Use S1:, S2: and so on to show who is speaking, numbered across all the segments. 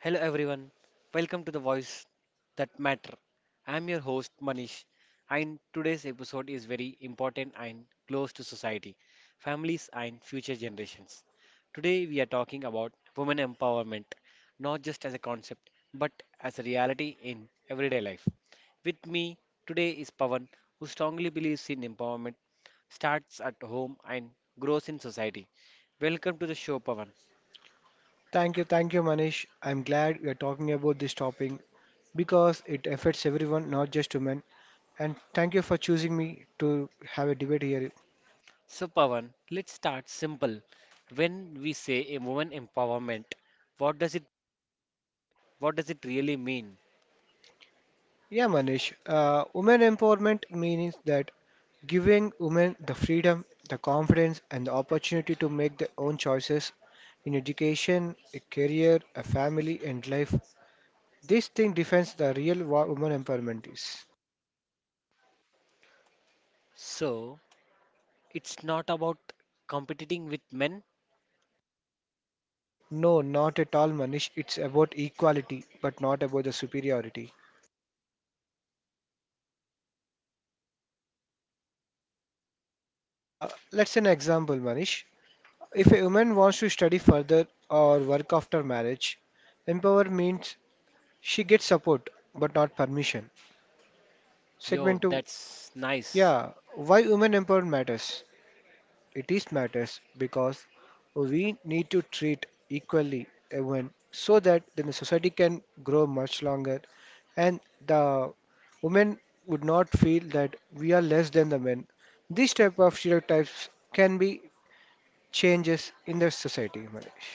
S1: Hello everyone, welcome to the Voice That Matter. I'm your host Manish, and today's episode is very important and close to society, families, and future generations. Today we are talking about women empowerment, not just as a concept, but as a reality in everyday life. With me today is Pavan, who strongly believes in empowerment, starts at home, and grows in society. Welcome to the show, Pavan.
S2: Thank you, Manish. I'm glad we are talking about this topic because it affects everyone, not just women. And thank you for choosing me to have a debate here.
S1: So, Pawan, let's start simple. When we say a woman empowerment, what does it what does it really mean?
S2: Yeah, Manish. Women empowerment means that giving women the freedom, the confidence, and the opportunity to make their own choices in education, a career, a family, and life. This thing defines the real woman empowerment is.
S1: So, it's not about competing with men.
S2: No, not at all, Manish. It's about equality, but not about the superiority. Let's say an example, Manish. If a woman wants to study further or work after marriage, empower means she gets support but not permission. Segment
S1: Yo,
S2: 2.
S1: that's nice.
S2: Yeah, why women empowerment matters? It is matters because we need to treat equally a woman so that then the society can grow much longer and the women would not feel that we are less than the men. These type of stereotypes can be changes in the society, Manish.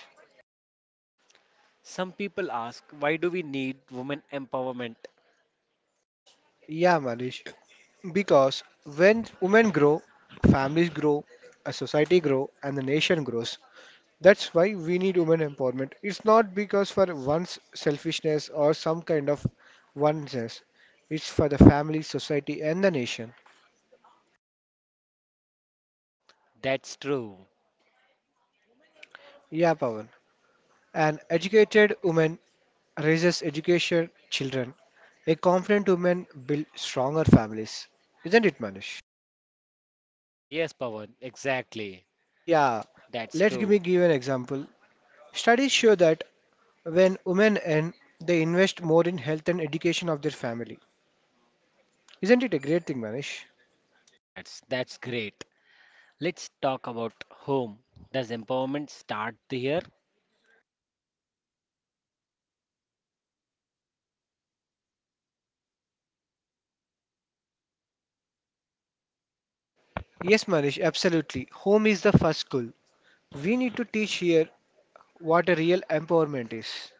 S1: Some people ask, why do we need women empowerment?
S2: Yeah, Manish. Because when women grow, families grow, a society grow, and the nation grows. That's why we need women empowerment. It's not because for one's selfishness or some kind of oneself. It's for the family, society, and the nation.
S1: That's true.
S2: Yeah, Pawan. An educated woman raises education children. A confident woman builds stronger families. Isn't it, Manish?
S1: Yes, Pawan, exactly.
S2: Yeah.
S1: That's
S2: Let me
S1: true.
S2: give an example. Studies show that when women earn, they invest more in health and education of their family. Isn't it a great thing, Manish?
S1: Yes, that's great. Let's talk about home. Does empowerment start here?
S2: Yes, Manish, absolutely. Home is the first school. We need to teach here what a real empowerment is.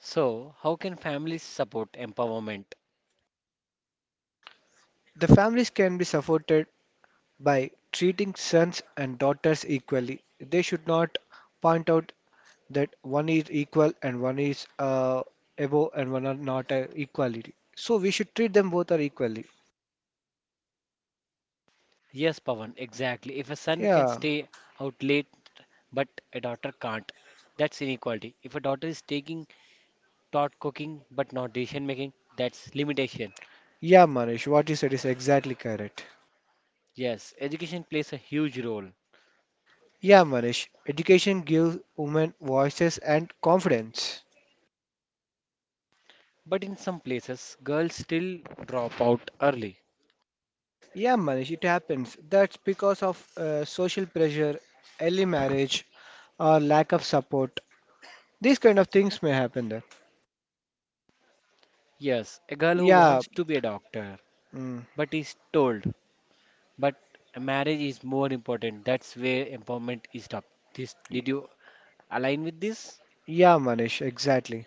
S1: So, how can families support empowerment?
S2: The families can be supported by treating sons and daughters equally. They should not point out that one is equal and one is above and one are not equality. So we should treat them both are equally.
S1: Yes, Pawan, exactly. If a son can
S2: Yeah.
S1: stay out late but a daughter can't, that's inequality. If a daughter is taking taught cooking but not decision making, that's limitation.
S2: Yeah, Manish, what you said is exactly correct.
S1: Yes, education plays a huge role.
S2: Yeah, Manish, education gives women voices and confidence.
S1: But in some places, girls still drop out early.
S2: Yeah, Manish, it happens. That's because of social pressure, early marriage, or lack of support. These kind of things may happen there.
S1: Yes, a girl who
S2: Yeah,
S1: wants to be a doctor
S2: mm,
S1: but is told, but a marriage is more important. That's where empowerment is stopped. This,
S2: y-
S1: did you align with this?
S2: yeah, Manish, exactly.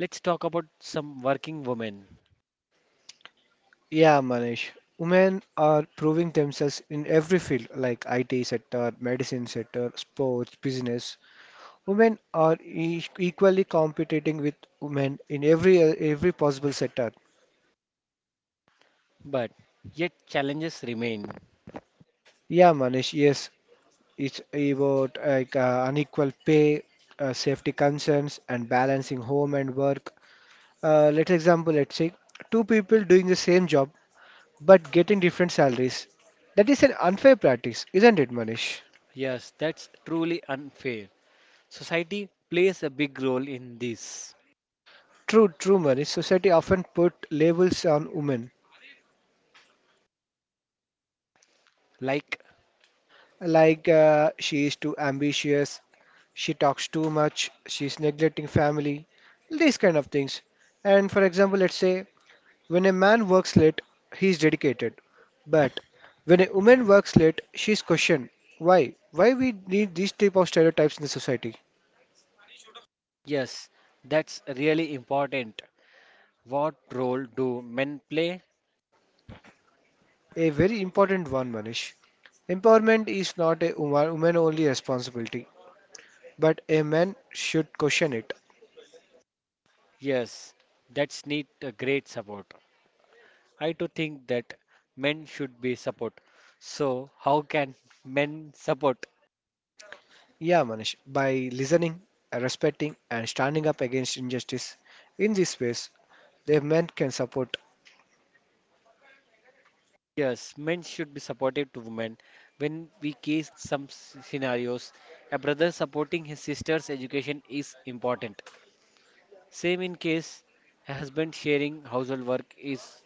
S1: Let's talk about some working women.
S2: Yeah, Manish. Women are proving themselves in every field like IT sector, medicine sector, sports, business. Women are equally competing with men in every possible sector.
S1: But yet challenges remain.
S2: Yeah, Manish, yes, it's about like unequal pay, safety concerns, and balancing home and work. Let's say two people doing the same job but getting different salaries. That is an unfair practice, isn't it, Manish?
S1: Yes, that's truly unfair. Society plays a big role in this.
S2: True, true, Manish. Society often put labels on women.
S1: Like,
S2: Like she is too ambitious, she talks too much, she's neglecting family, these kind of things. And for example, let's say when a man works late, he's dedicated. But when a woman works late, she's questioned. Why? Why we need these type of stereotypes in the society?
S1: yes, that's really important. What role do men play?
S2: A very important one, Manish. Empowerment is not a woman only responsibility, but a man should question it.
S1: Yes, that's need a great support. I too think that men should be support. So, how can men support?
S2: Yeah, Manish, by listening, respecting, and standing up against injustice in this ways, the men can support.
S1: Yes, men should be supportive to women. When we case some scenarios, a brother supporting his sister's education is important. Same in case a husband sharing household work is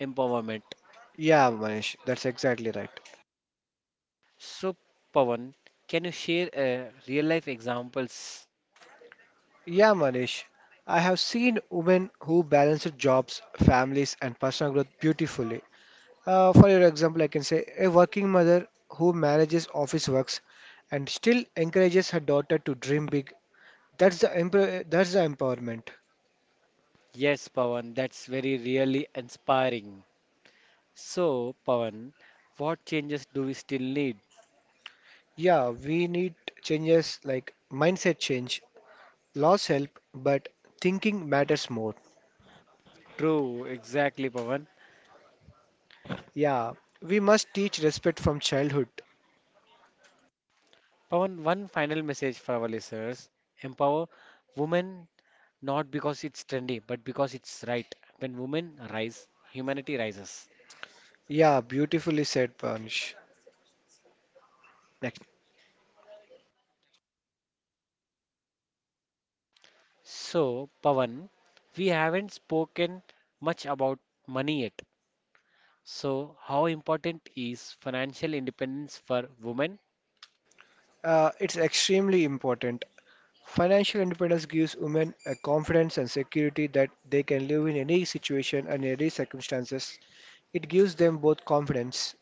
S1: empowerment.
S2: Yeah, Manish, that's exactly right.
S1: So, Pawan, can you share a real life examples?
S2: Yeah, Manish, I have seen women who balance their jobs, families, and personal growth beautifully. For your example, I can say a working mother who manages office works and still encourages her daughter to dream big. That's the empowerment.
S1: Yes, Pawan, that's very really inspiring. So, Pawan, what changes do we still need?
S2: Yeah, we need changes like mindset change. Laws help, but thinking matters more.
S1: True, exactly, Pawan.
S2: Yeah, we must teach respect from childhood.
S1: Pawan, one final message for our listeners. Empower women not because it's trendy, but because it's right. When women rise, humanity rises.
S2: Yeah, beautifully said, Panish. Next.
S1: So, Pawan, we haven't spoken much about money yet. So, how important is financial independence for women?
S2: It's extremely important. Financial independence gives women a confidence and security that they can live in any situation and any circumstances. It gives them both confidence.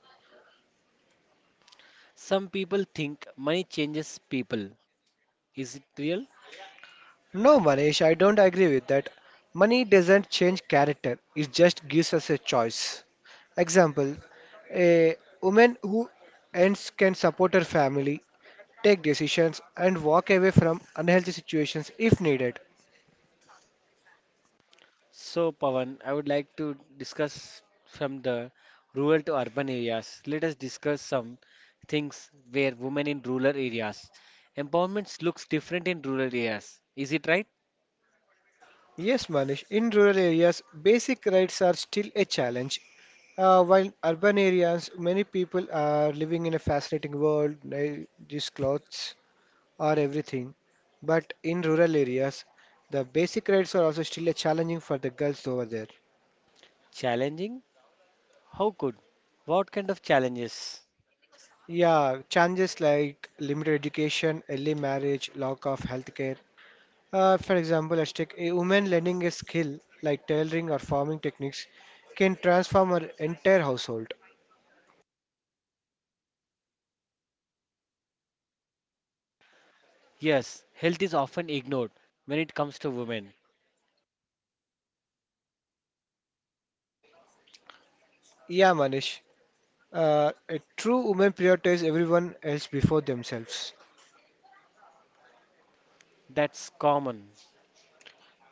S1: Some people think money changes people. Is it real?
S2: No, Manish, I don't agree with that. Money doesn't change character, it just gives us a choice. Example. A woman who earns can support her family, take decisions, and walk away from unhealthy situations if needed.
S1: So, Pawan, I would like to discuss from the rural to urban areas. Let us discuss some things where women in rural areas. Empowerment looks different in rural areas. Is it right?
S2: Yes, Manish, in rural areas, basic rights are still a challenge. While in urban areas, many people are living in a fascinating world, nice clothes, or everything, but in rural areas, the basic rights are also still a challenging for the girls over there.
S1: Challenging? How could? What kind of challenges?
S2: Yeah, challenges like limited education, early marriage, lack of healthcare. For example, let's take a woman learning a skill like tailoring or farming techniques can transform her entire household.
S1: Yes, health is often ignored when it comes to women.
S2: Yeah, Manish. A true woman prioritizes everyone else before themselves.
S1: That's common.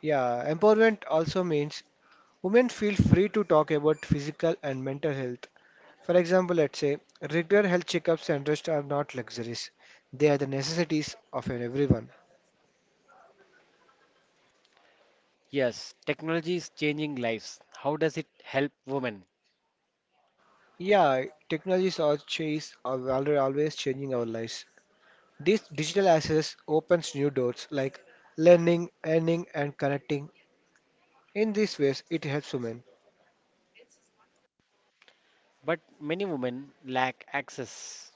S2: Yeah, empowerment also means women feel free to talk about physical and mental health. For example, let's say regular health checkups and rest are not luxuries, they are the necessities of everyone.
S1: Yes, technology is changing lives. How does it help women?
S2: Yeah, technology is always changing our lives. This digital access opens new doors like learning, earning, and connecting. In these ways, it helps women.
S1: But many women lack access.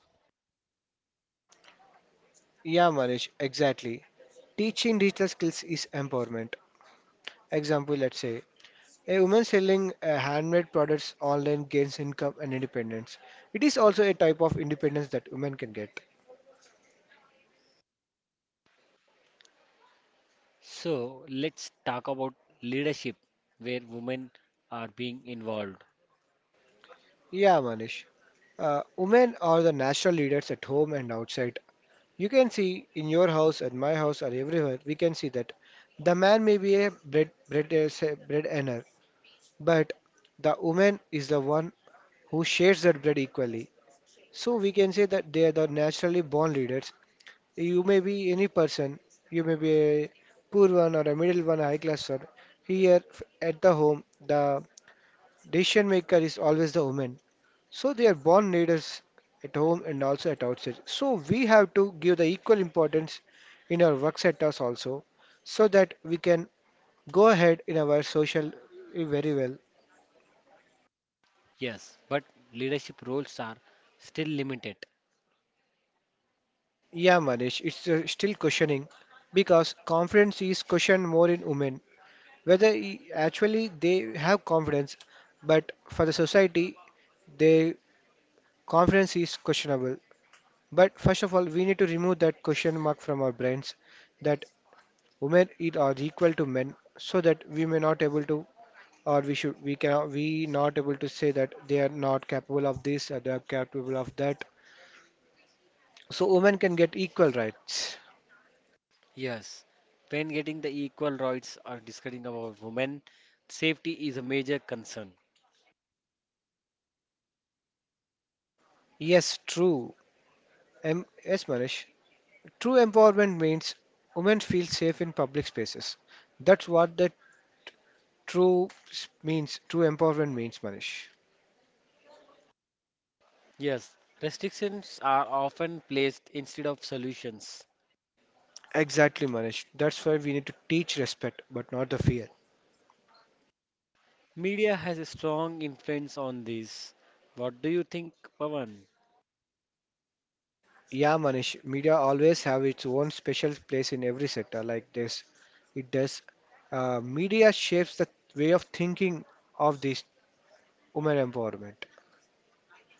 S2: Yeah, Manish, exactly. Teaching digital skills is empowerment. Example, let's say a woman selling handmade products online gains income and independence. It is also a type of independence that women can get.
S1: So let's talk about leadership where women are being involved.
S2: Yeah, Manish. Women are the natural leaders at home and outside. You can see in your house, at my house, or everywhere, we can see that the man may be a bread earner, but the woman is the one who shares that bread equally. So we can say that they are the naturally born leaders. You may be any person, you may be a poor one or a middle one, high class one. Here at the home, the decision maker is always the woman. So they are born leaders at home and also at outside. So we have to give the equal importance in our work sectors also so that we can go ahead in our social very well.
S1: Yes, but leadership roles are still limited.
S2: Yeah, Manish, it's still questioning because confidence is questioned more in women. Whether actually they have confidence, but for the society, their confidence is questionable. But first of all, we need to remove that question mark from our brains that women it are equal to men, so that we may not able to, or we should, we cannot, we not able to say that they are not capable of this or they are capable of that. So women can get equal rights.
S1: Yes, when getting the equal rights or discussing about women, safety is a major concern.
S2: Yes, true. Yes, Manish. True empowerment means women feel safe in public spaces. That's what the true means. True empowerment means, Manish.
S1: Yes, restrictions are often placed instead of solutions.
S2: Exactly, Manish. That's why we need to teach respect, but not the fear.
S1: Media has a strong influence on this. What do you think, Pavan?
S2: Yeah, Manish, media always have its own special place in every sector like this. It does. Media shapes the way of thinking of this women empowerment.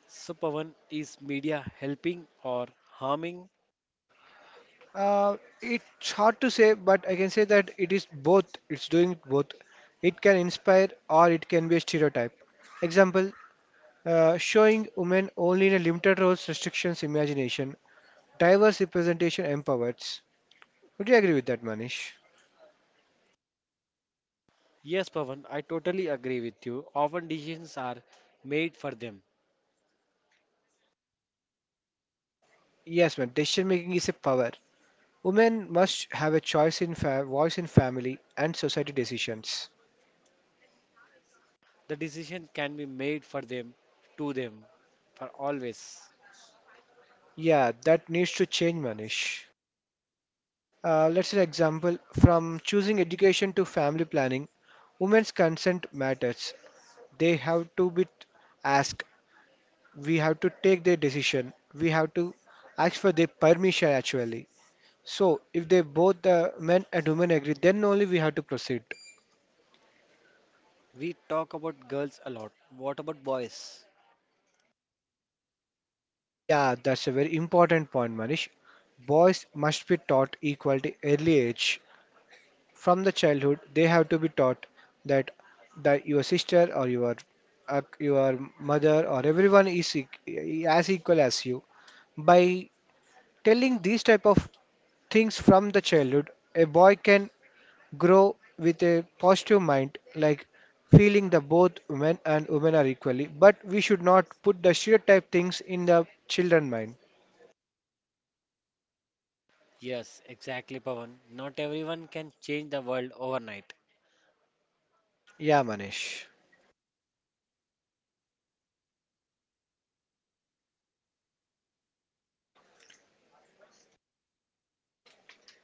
S1: So, Pavan, is media helping or harming?
S2: Uh, it's hard to say, but I can say that it is both. It's doing both. It can inspire or it can be a stereotype. Example, showing women only in a limited roles, restrictions, imagination. Diverse representation empowers. Would you agree with that, Manish?
S1: Yes, Pavan, I totally agree with you. Often decisions are made for them.
S2: Yes, man. Decision making is a power. Women must have a choice in voice in family and society decisions.
S1: The decision can be made for them, to them, for always.
S2: Yeah, that needs to change, Manish. Let's take example from choosing education to family planning. Women's consent matters. They have to be asked. We have to take their decision. We have to ask for their permission actually. So if they both men and women agree, then only we have to proceed.
S1: We talk about girls a lot. What about boys?
S2: Yeah, that's a very important point, Manish. Boys must be taught equality early age. From the childhood, they have to be taught that that your sister or your uh, your mother or everyone is as equal as you. By telling these type of things from the childhood, a boy can grow with a positive mind, like feeling that both men and women are equally. But we should not put the stereotype things in the children mind.
S1: Yes, exactly, Pavan. Not everyone can change the world overnight.
S2: Yeah, Manish.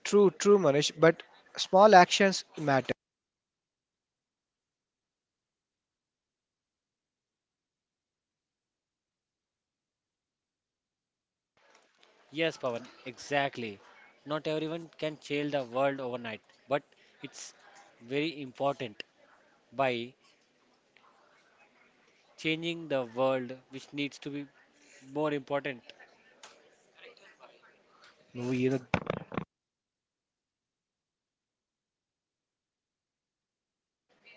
S2: True, true, Manish. But small actions matter.
S1: Yes, Pavan, exactly. Not everyone can change the world overnight, but it's very important by changing the world, which needs to be more important.
S2: No, you know-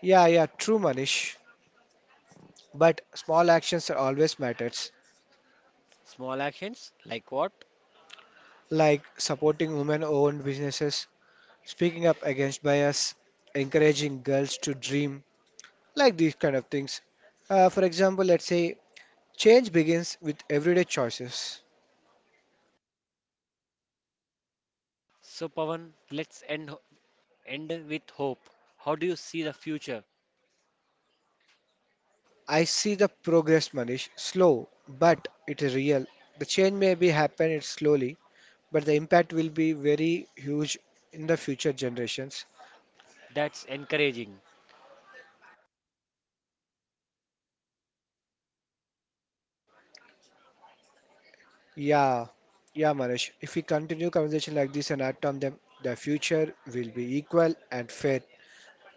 S2: Yeah, yeah, true, Manish. But small actions are always matters,
S1: Small actions like what?
S2: like supporting women-owned businesses, speaking up against bias, encouraging girls to dream, like these kind of things. For example, let's say change begins with everyday choices.
S1: So Pawan, let's end with hope. How do you see the future?
S2: I see the progress, Manish, slow, but it is real. The change may be happening slowly, but the impact will be very huge in the future generations.
S1: That's encouraging.
S2: Yeah, yeah, Manish. If we continue conversation like this and act on them, the future will be equal and fair.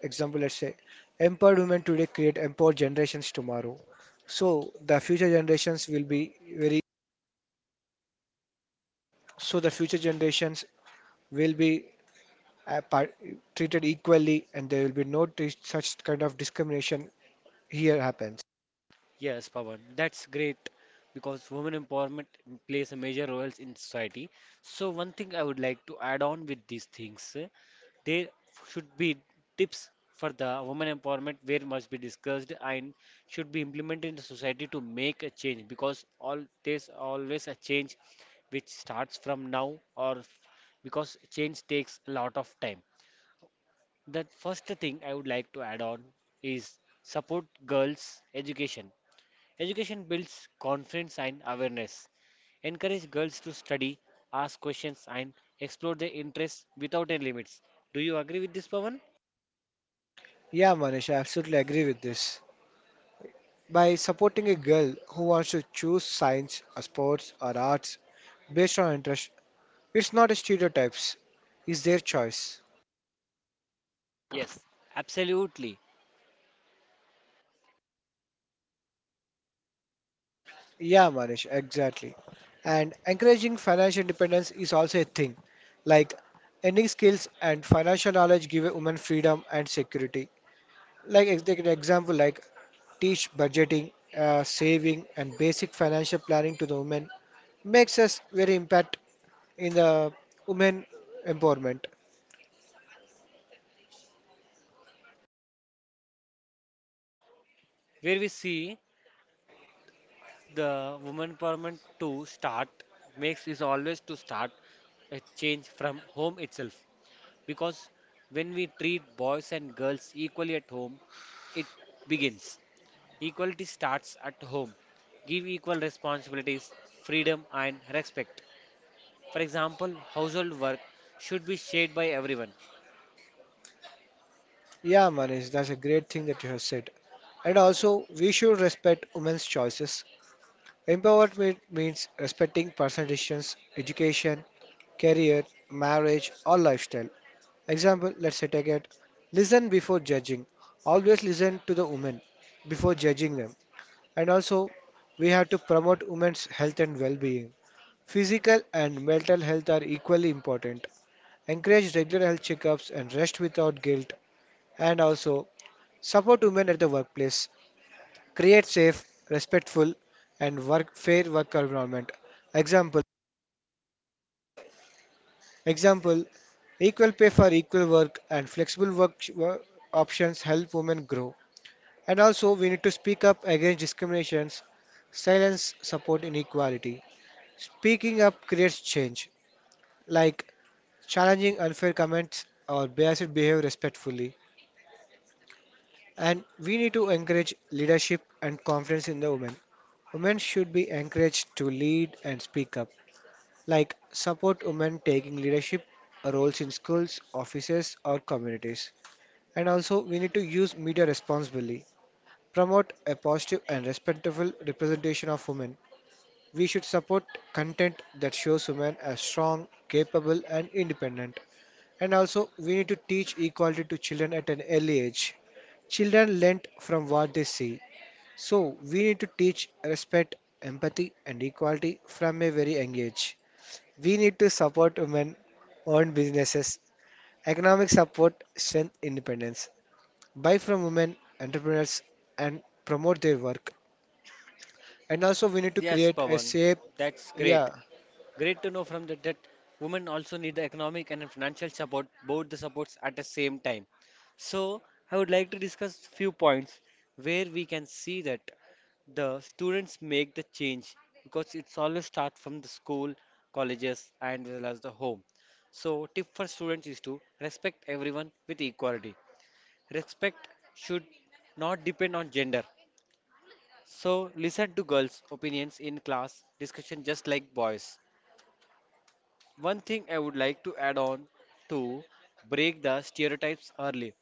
S2: Example, let's say empowered women today create empowered generations tomorrow. So the future generations will be very. So the future generations will be uh, par- treated equally, and there will be no such kind of discrimination here happens.
S1: Yes, Pawan, that's great because women empowerment plays a major role in society. So one thing I would like to add on with these things, there should be tips for the women empowerment where must be discussed and should be implemented in the society to make a change because all there's always a change which starts from now because change takes a lot of time. The first thing I would like to add on is support girls' education. Education builds confidence and awareness. Encourage girls to study, ask questions, and explore their interests without any limits. Do you agree with this, Pawan?
S2: Yeah, Manish, I absolutely agree with this. By supporting a girl who wants to choose science, or sports, or arts based on interest. It's not a stereotypes, it's their choice.
S1: Yes, absolutely.
S2: Yeah, Manish, exactly. And encouraging financial independence is also a thing. Like ending skills and financial knowledge give a woman freedom and security. Like take an example, like teach budgeting, saving, and basic financial planning to the women makes us very impact in the women empowerment.
S1: Where we see the woman empowerment to start makes is always to start a change from home itself. Because when we treat boys and girls equally at home, it begins. Equality starts at home. Give equal responsibilities, freedom, and respect. For example, household work should be shared by everyone.
S2: Yeah, Manish, that's a great thing that you have said. And also, we should respect women's choices. Empowerment means respecting personal decisions, education, career, marriage, or lifestyle. Example, let's say take it. Listen before judging. Always listen to the women before judging them. And also, we have to promote women's health and well being. Physical and mental health are equally important. Encourage regular health checkups and rest without guilt. And also, support women at the workplace. Create safe, respectful, and work fair work environment. Example Example, equal pay for equal work and flexible options help women grow. And also, we need to speak up against discriminations, silence support inequality. Speaking up creates change, like challenging unfair comments or biased behavior respectfully. And we need to encourage leadership and confidence in the women. Women should be encouraged to lead and speak up, like support women taking leadership roles in schools, offices, or communities. And also, we need to use media responsibly, promote a positive and respectful representation of women. We should support content that shows women as strong, capable, and independent. And also, we need to teach equality to children at an early age. Children learn from what they see. So, we need to teach respect, empathy, and equality from a very young age. We need to support women owned businesses, economic support, strength, independence. Buy from women entrepreneurs and promote their work. And also, we need to
S1: Yes,
S2: create a
S1: Pawan,
S2: safe,
S1: that's great.
S2: yeah,
S1: Great to know from that that women also need the economic and financial support, both the supports at the same time. So I would like to discuss few points where we can see that the students make the change because it's always start from the school, colleges, and as well as the home. So tip for students is to respect everyone with equality. Respect should not depend on gender. So listen to girls' opinions in class discussion just like boys. One thing I would like to add on to break the stereotypes early.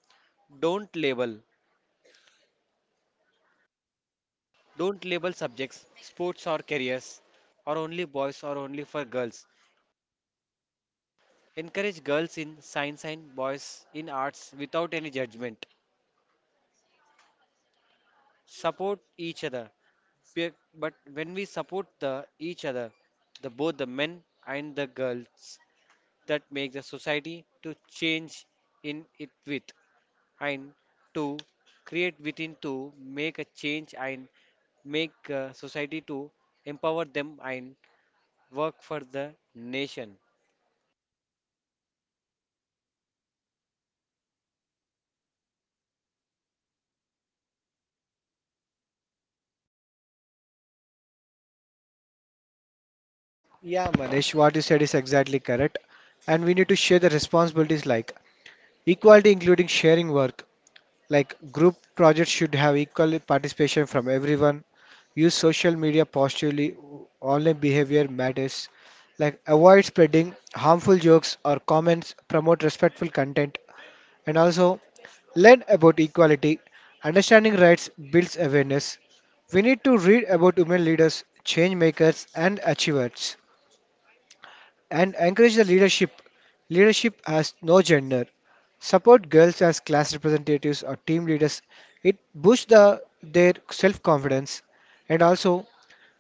S1: Don't label. Don't label subjects, sports or careers, or only boys or only for girls. Encourage girls in science and boys in arts without any judgment. Support each other. But when we support the each other, the both the men and the girls, that make the society to change in it with, and to create within to make a change and make society to empower them and work for the nation.
S2: yeah, Manish, what you said is exactly correct. And we need to share the responsibilities like equality, including sharing work. Like group projects should have equal participation from everyone. Use social media positively. Online behavior matters. Like avoid spreading harmful jokes or comments. Promote respectful content. And also learn about equality. Understanding rights builds awareness. We need to read about women leaders, change makers, and achievers, and encourage the leadership. Leadership has no gender. Support girls as class representatives or team leaders. It boosts their self confidence. And also,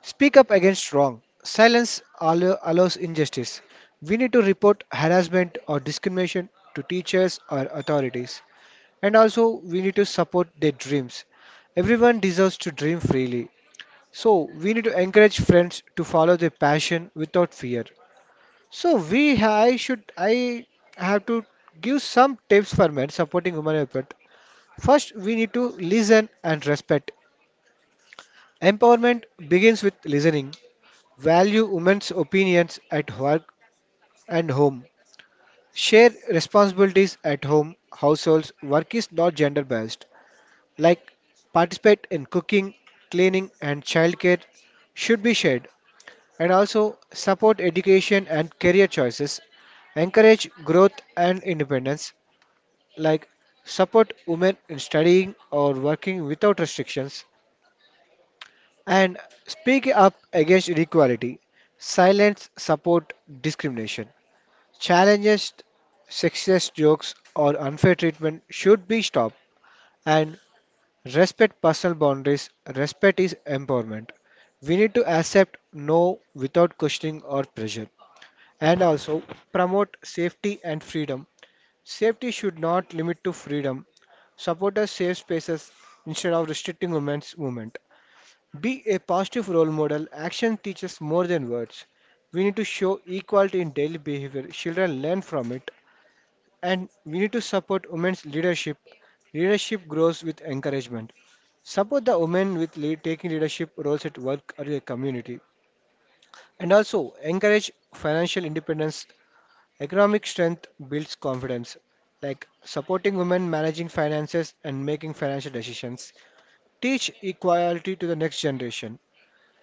S2: speak up against wrong. Silence allows injustice. We need to report harassment or discrimination to teachers or authorities. And also, we need to support their dreams. Everyone deserves to dream freely. So, we need to encourage friends to follow their passion without fear. So, we ha- I should I have to give some tips for men supporting women effort. First, we need to listen and respect. Empowerment begins with listening. Value women's opinions at work and home. Share responsibilities at home, households. Work is not gender based. Like participate in cooking, cleaning, and childcare should be shared, and also support education and career choices, encourage growth and independence, like support women in studying or working without restrictions, and speak up against inequality, silence support discrimination. Challenges sexist jokes or unfair treatment should be stopped, and respect personal boundaries. Respect is empowerment. We need to accept no without questioning or pressure. And also promote safety and freedom. Safety should not limit to freedom. Support a safe spaces instead of restricting women's movement. Be a positive role model. Action teaches more than words. We need to show equality in daily behavior. Children learn from it. And we need to support women's leadership. Leadership grows with encouragement. Support the women with lead, taking leadership roles at work or your community. And also encourage financial independence. Economic strength builds confidence, like supporting women managing finances and making financial decisions. Teach equality to the next generation.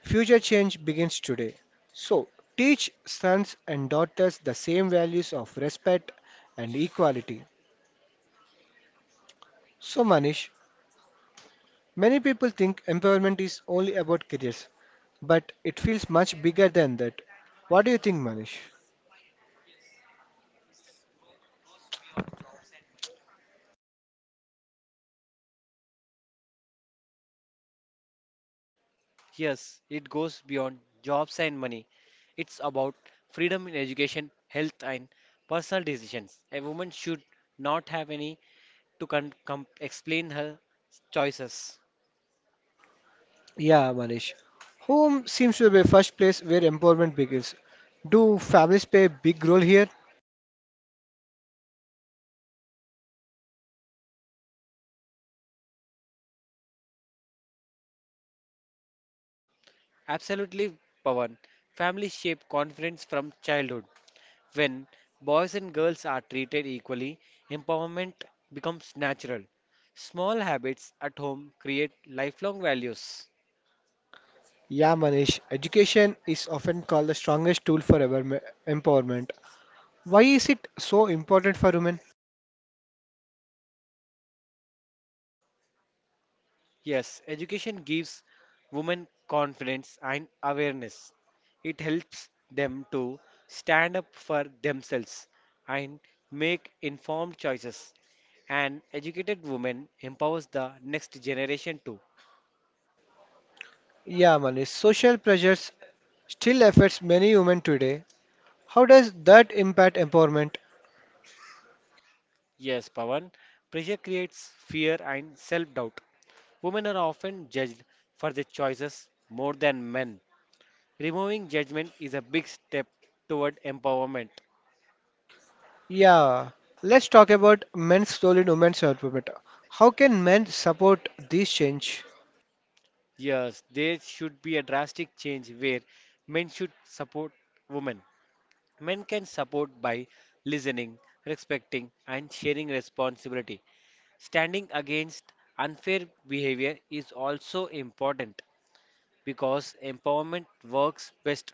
S2: Future change begins today. So, teach sons and daughters the same values of respect and equality. So, Manish, many people think empowerment is only about careers, but it feels much bigger than that. What do you think, Manish?
S1: Yes, it goes beyond jobs and money. It's about freedom in education, health, and personal decisions. A woman should not have any to explain her choices.
S2: Yeah, Manish. Home seems to be the first place where empowerment begins. Do families play a big role here?
S1: Absolutely, Pawan. Family shape confidence from childhood. When boys and girls are treated equally, empowerment becomes natural. Small habits at home create lifelong values.
S2: Yeah, Manish. Education is often called the strongest tool for empowerment. Why is it so important for women?
S1: Yes, education gives women confidence and awareness. It helps them to stand up for themselves and make informed choices. An educated woman empowers the next generation too.
S2: Yeah, Manish. Social pressures still affects many women today. How does that impact empowerment?
S1: Yes, Pawan, pressure creates fear and self doubt. Women are often judged for their choices more than men. Removing judgment is a big step toward empowerment.
S2: Yeah, let's talk about men's role in women's development. How can men support this change?
S1: Yes, there should be a drastic change where men should support women. Men can support by listening, respecting, and sharing responsibility. Standing against unfair behavior is also important, because empowerment works best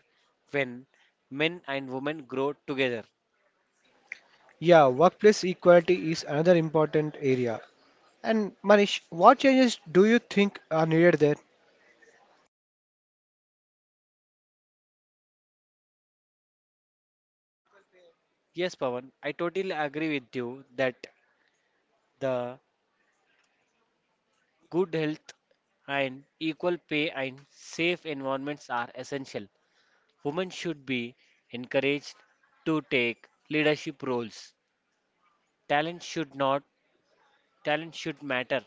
S1: when men and women grow together.
S2: Yeah, workplace equality is another important area. And Manish, what changes do you think are needed there?
S1: Yes, Pawan, I totally agree with you that the good health and equal pay and safe environments are essential. Women should be encouraged to take leadership roles. Talent should not Talent should matter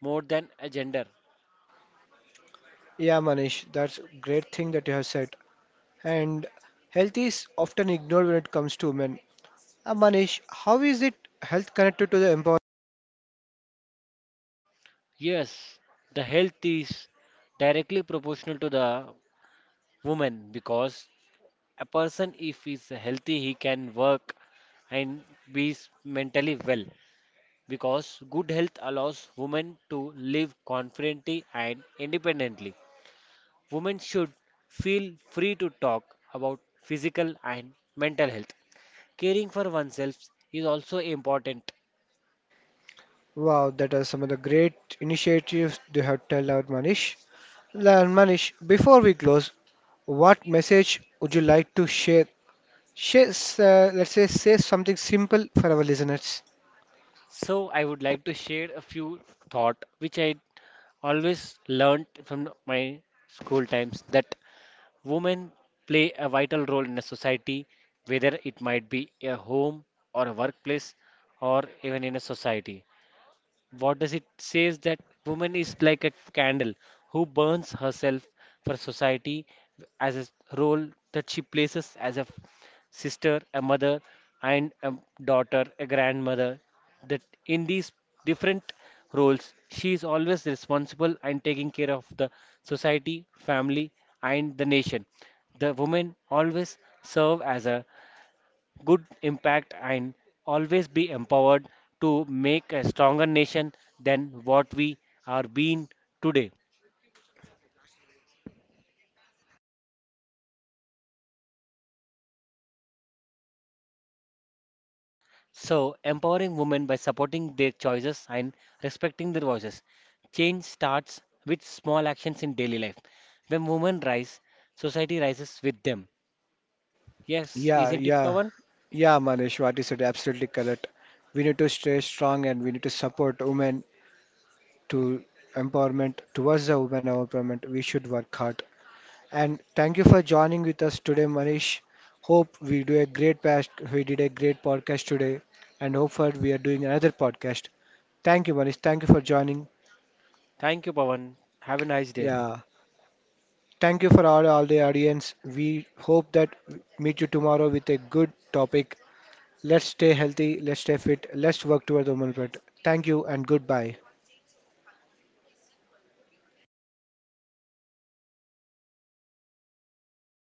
S1: more than a gender.
S2: Yeah, Manish, that's a great thing that you have said. And health is often ignored when it comes to men. Manish, how is it health connected to the empowerment?
S1: Yes, the health is directly proportional to the woman because a person if he's healthy he can work and mentally well, because good health allows women to live confidently and independently. Women should feel free to talk about physical and mental health. Caring for oneself is also important.
S2: Wow, that are some of the great initiatives they have tell out, Manish. Manish, before we close, what message would you like to share? Share, let's say, say something simple for our listeners.
S1: So I would like to share a few thought which I always learnt from my school times that women play a vital role in a society, whether it might be a home or a workplace or even in a society. What does it says that woman is like a candle who burns herself for society as a role that she places as a sister, a mother, and a daughter, a grandmother. That in these different roles, she is always responsible and taking care of the society, family, and the nation. The women always serve as a good impact and always be empowered to make a stronger nation than what we are being today. So, empowering women by supporting their choices and respecting their voices. Change starts with small actions in daily life. When women rise, society rises with them. Yes,
S2: Yeah,
S1: isn't it,
S2: yeah,
S1: Pawan?
S2: yeah, Manish, what you said, absolutely correct. We need to stay strong and we need to support women to empowerment, towards the women empowerment. We should work hard. And thank you for joining with us today, Manish. Hope we do a we did a great podcast today, and hope for we are doing another podcast. Thank you, Manish. Thank you for joining.
S1: Thank you, Pawan. Have a nice day.
S2: Yeah. Thank you for all the audience. We hope that meet you tomorrow with a good topic. Let's stay healthy, let's stay fit, let's work towards the moment. Thank you and goodbye.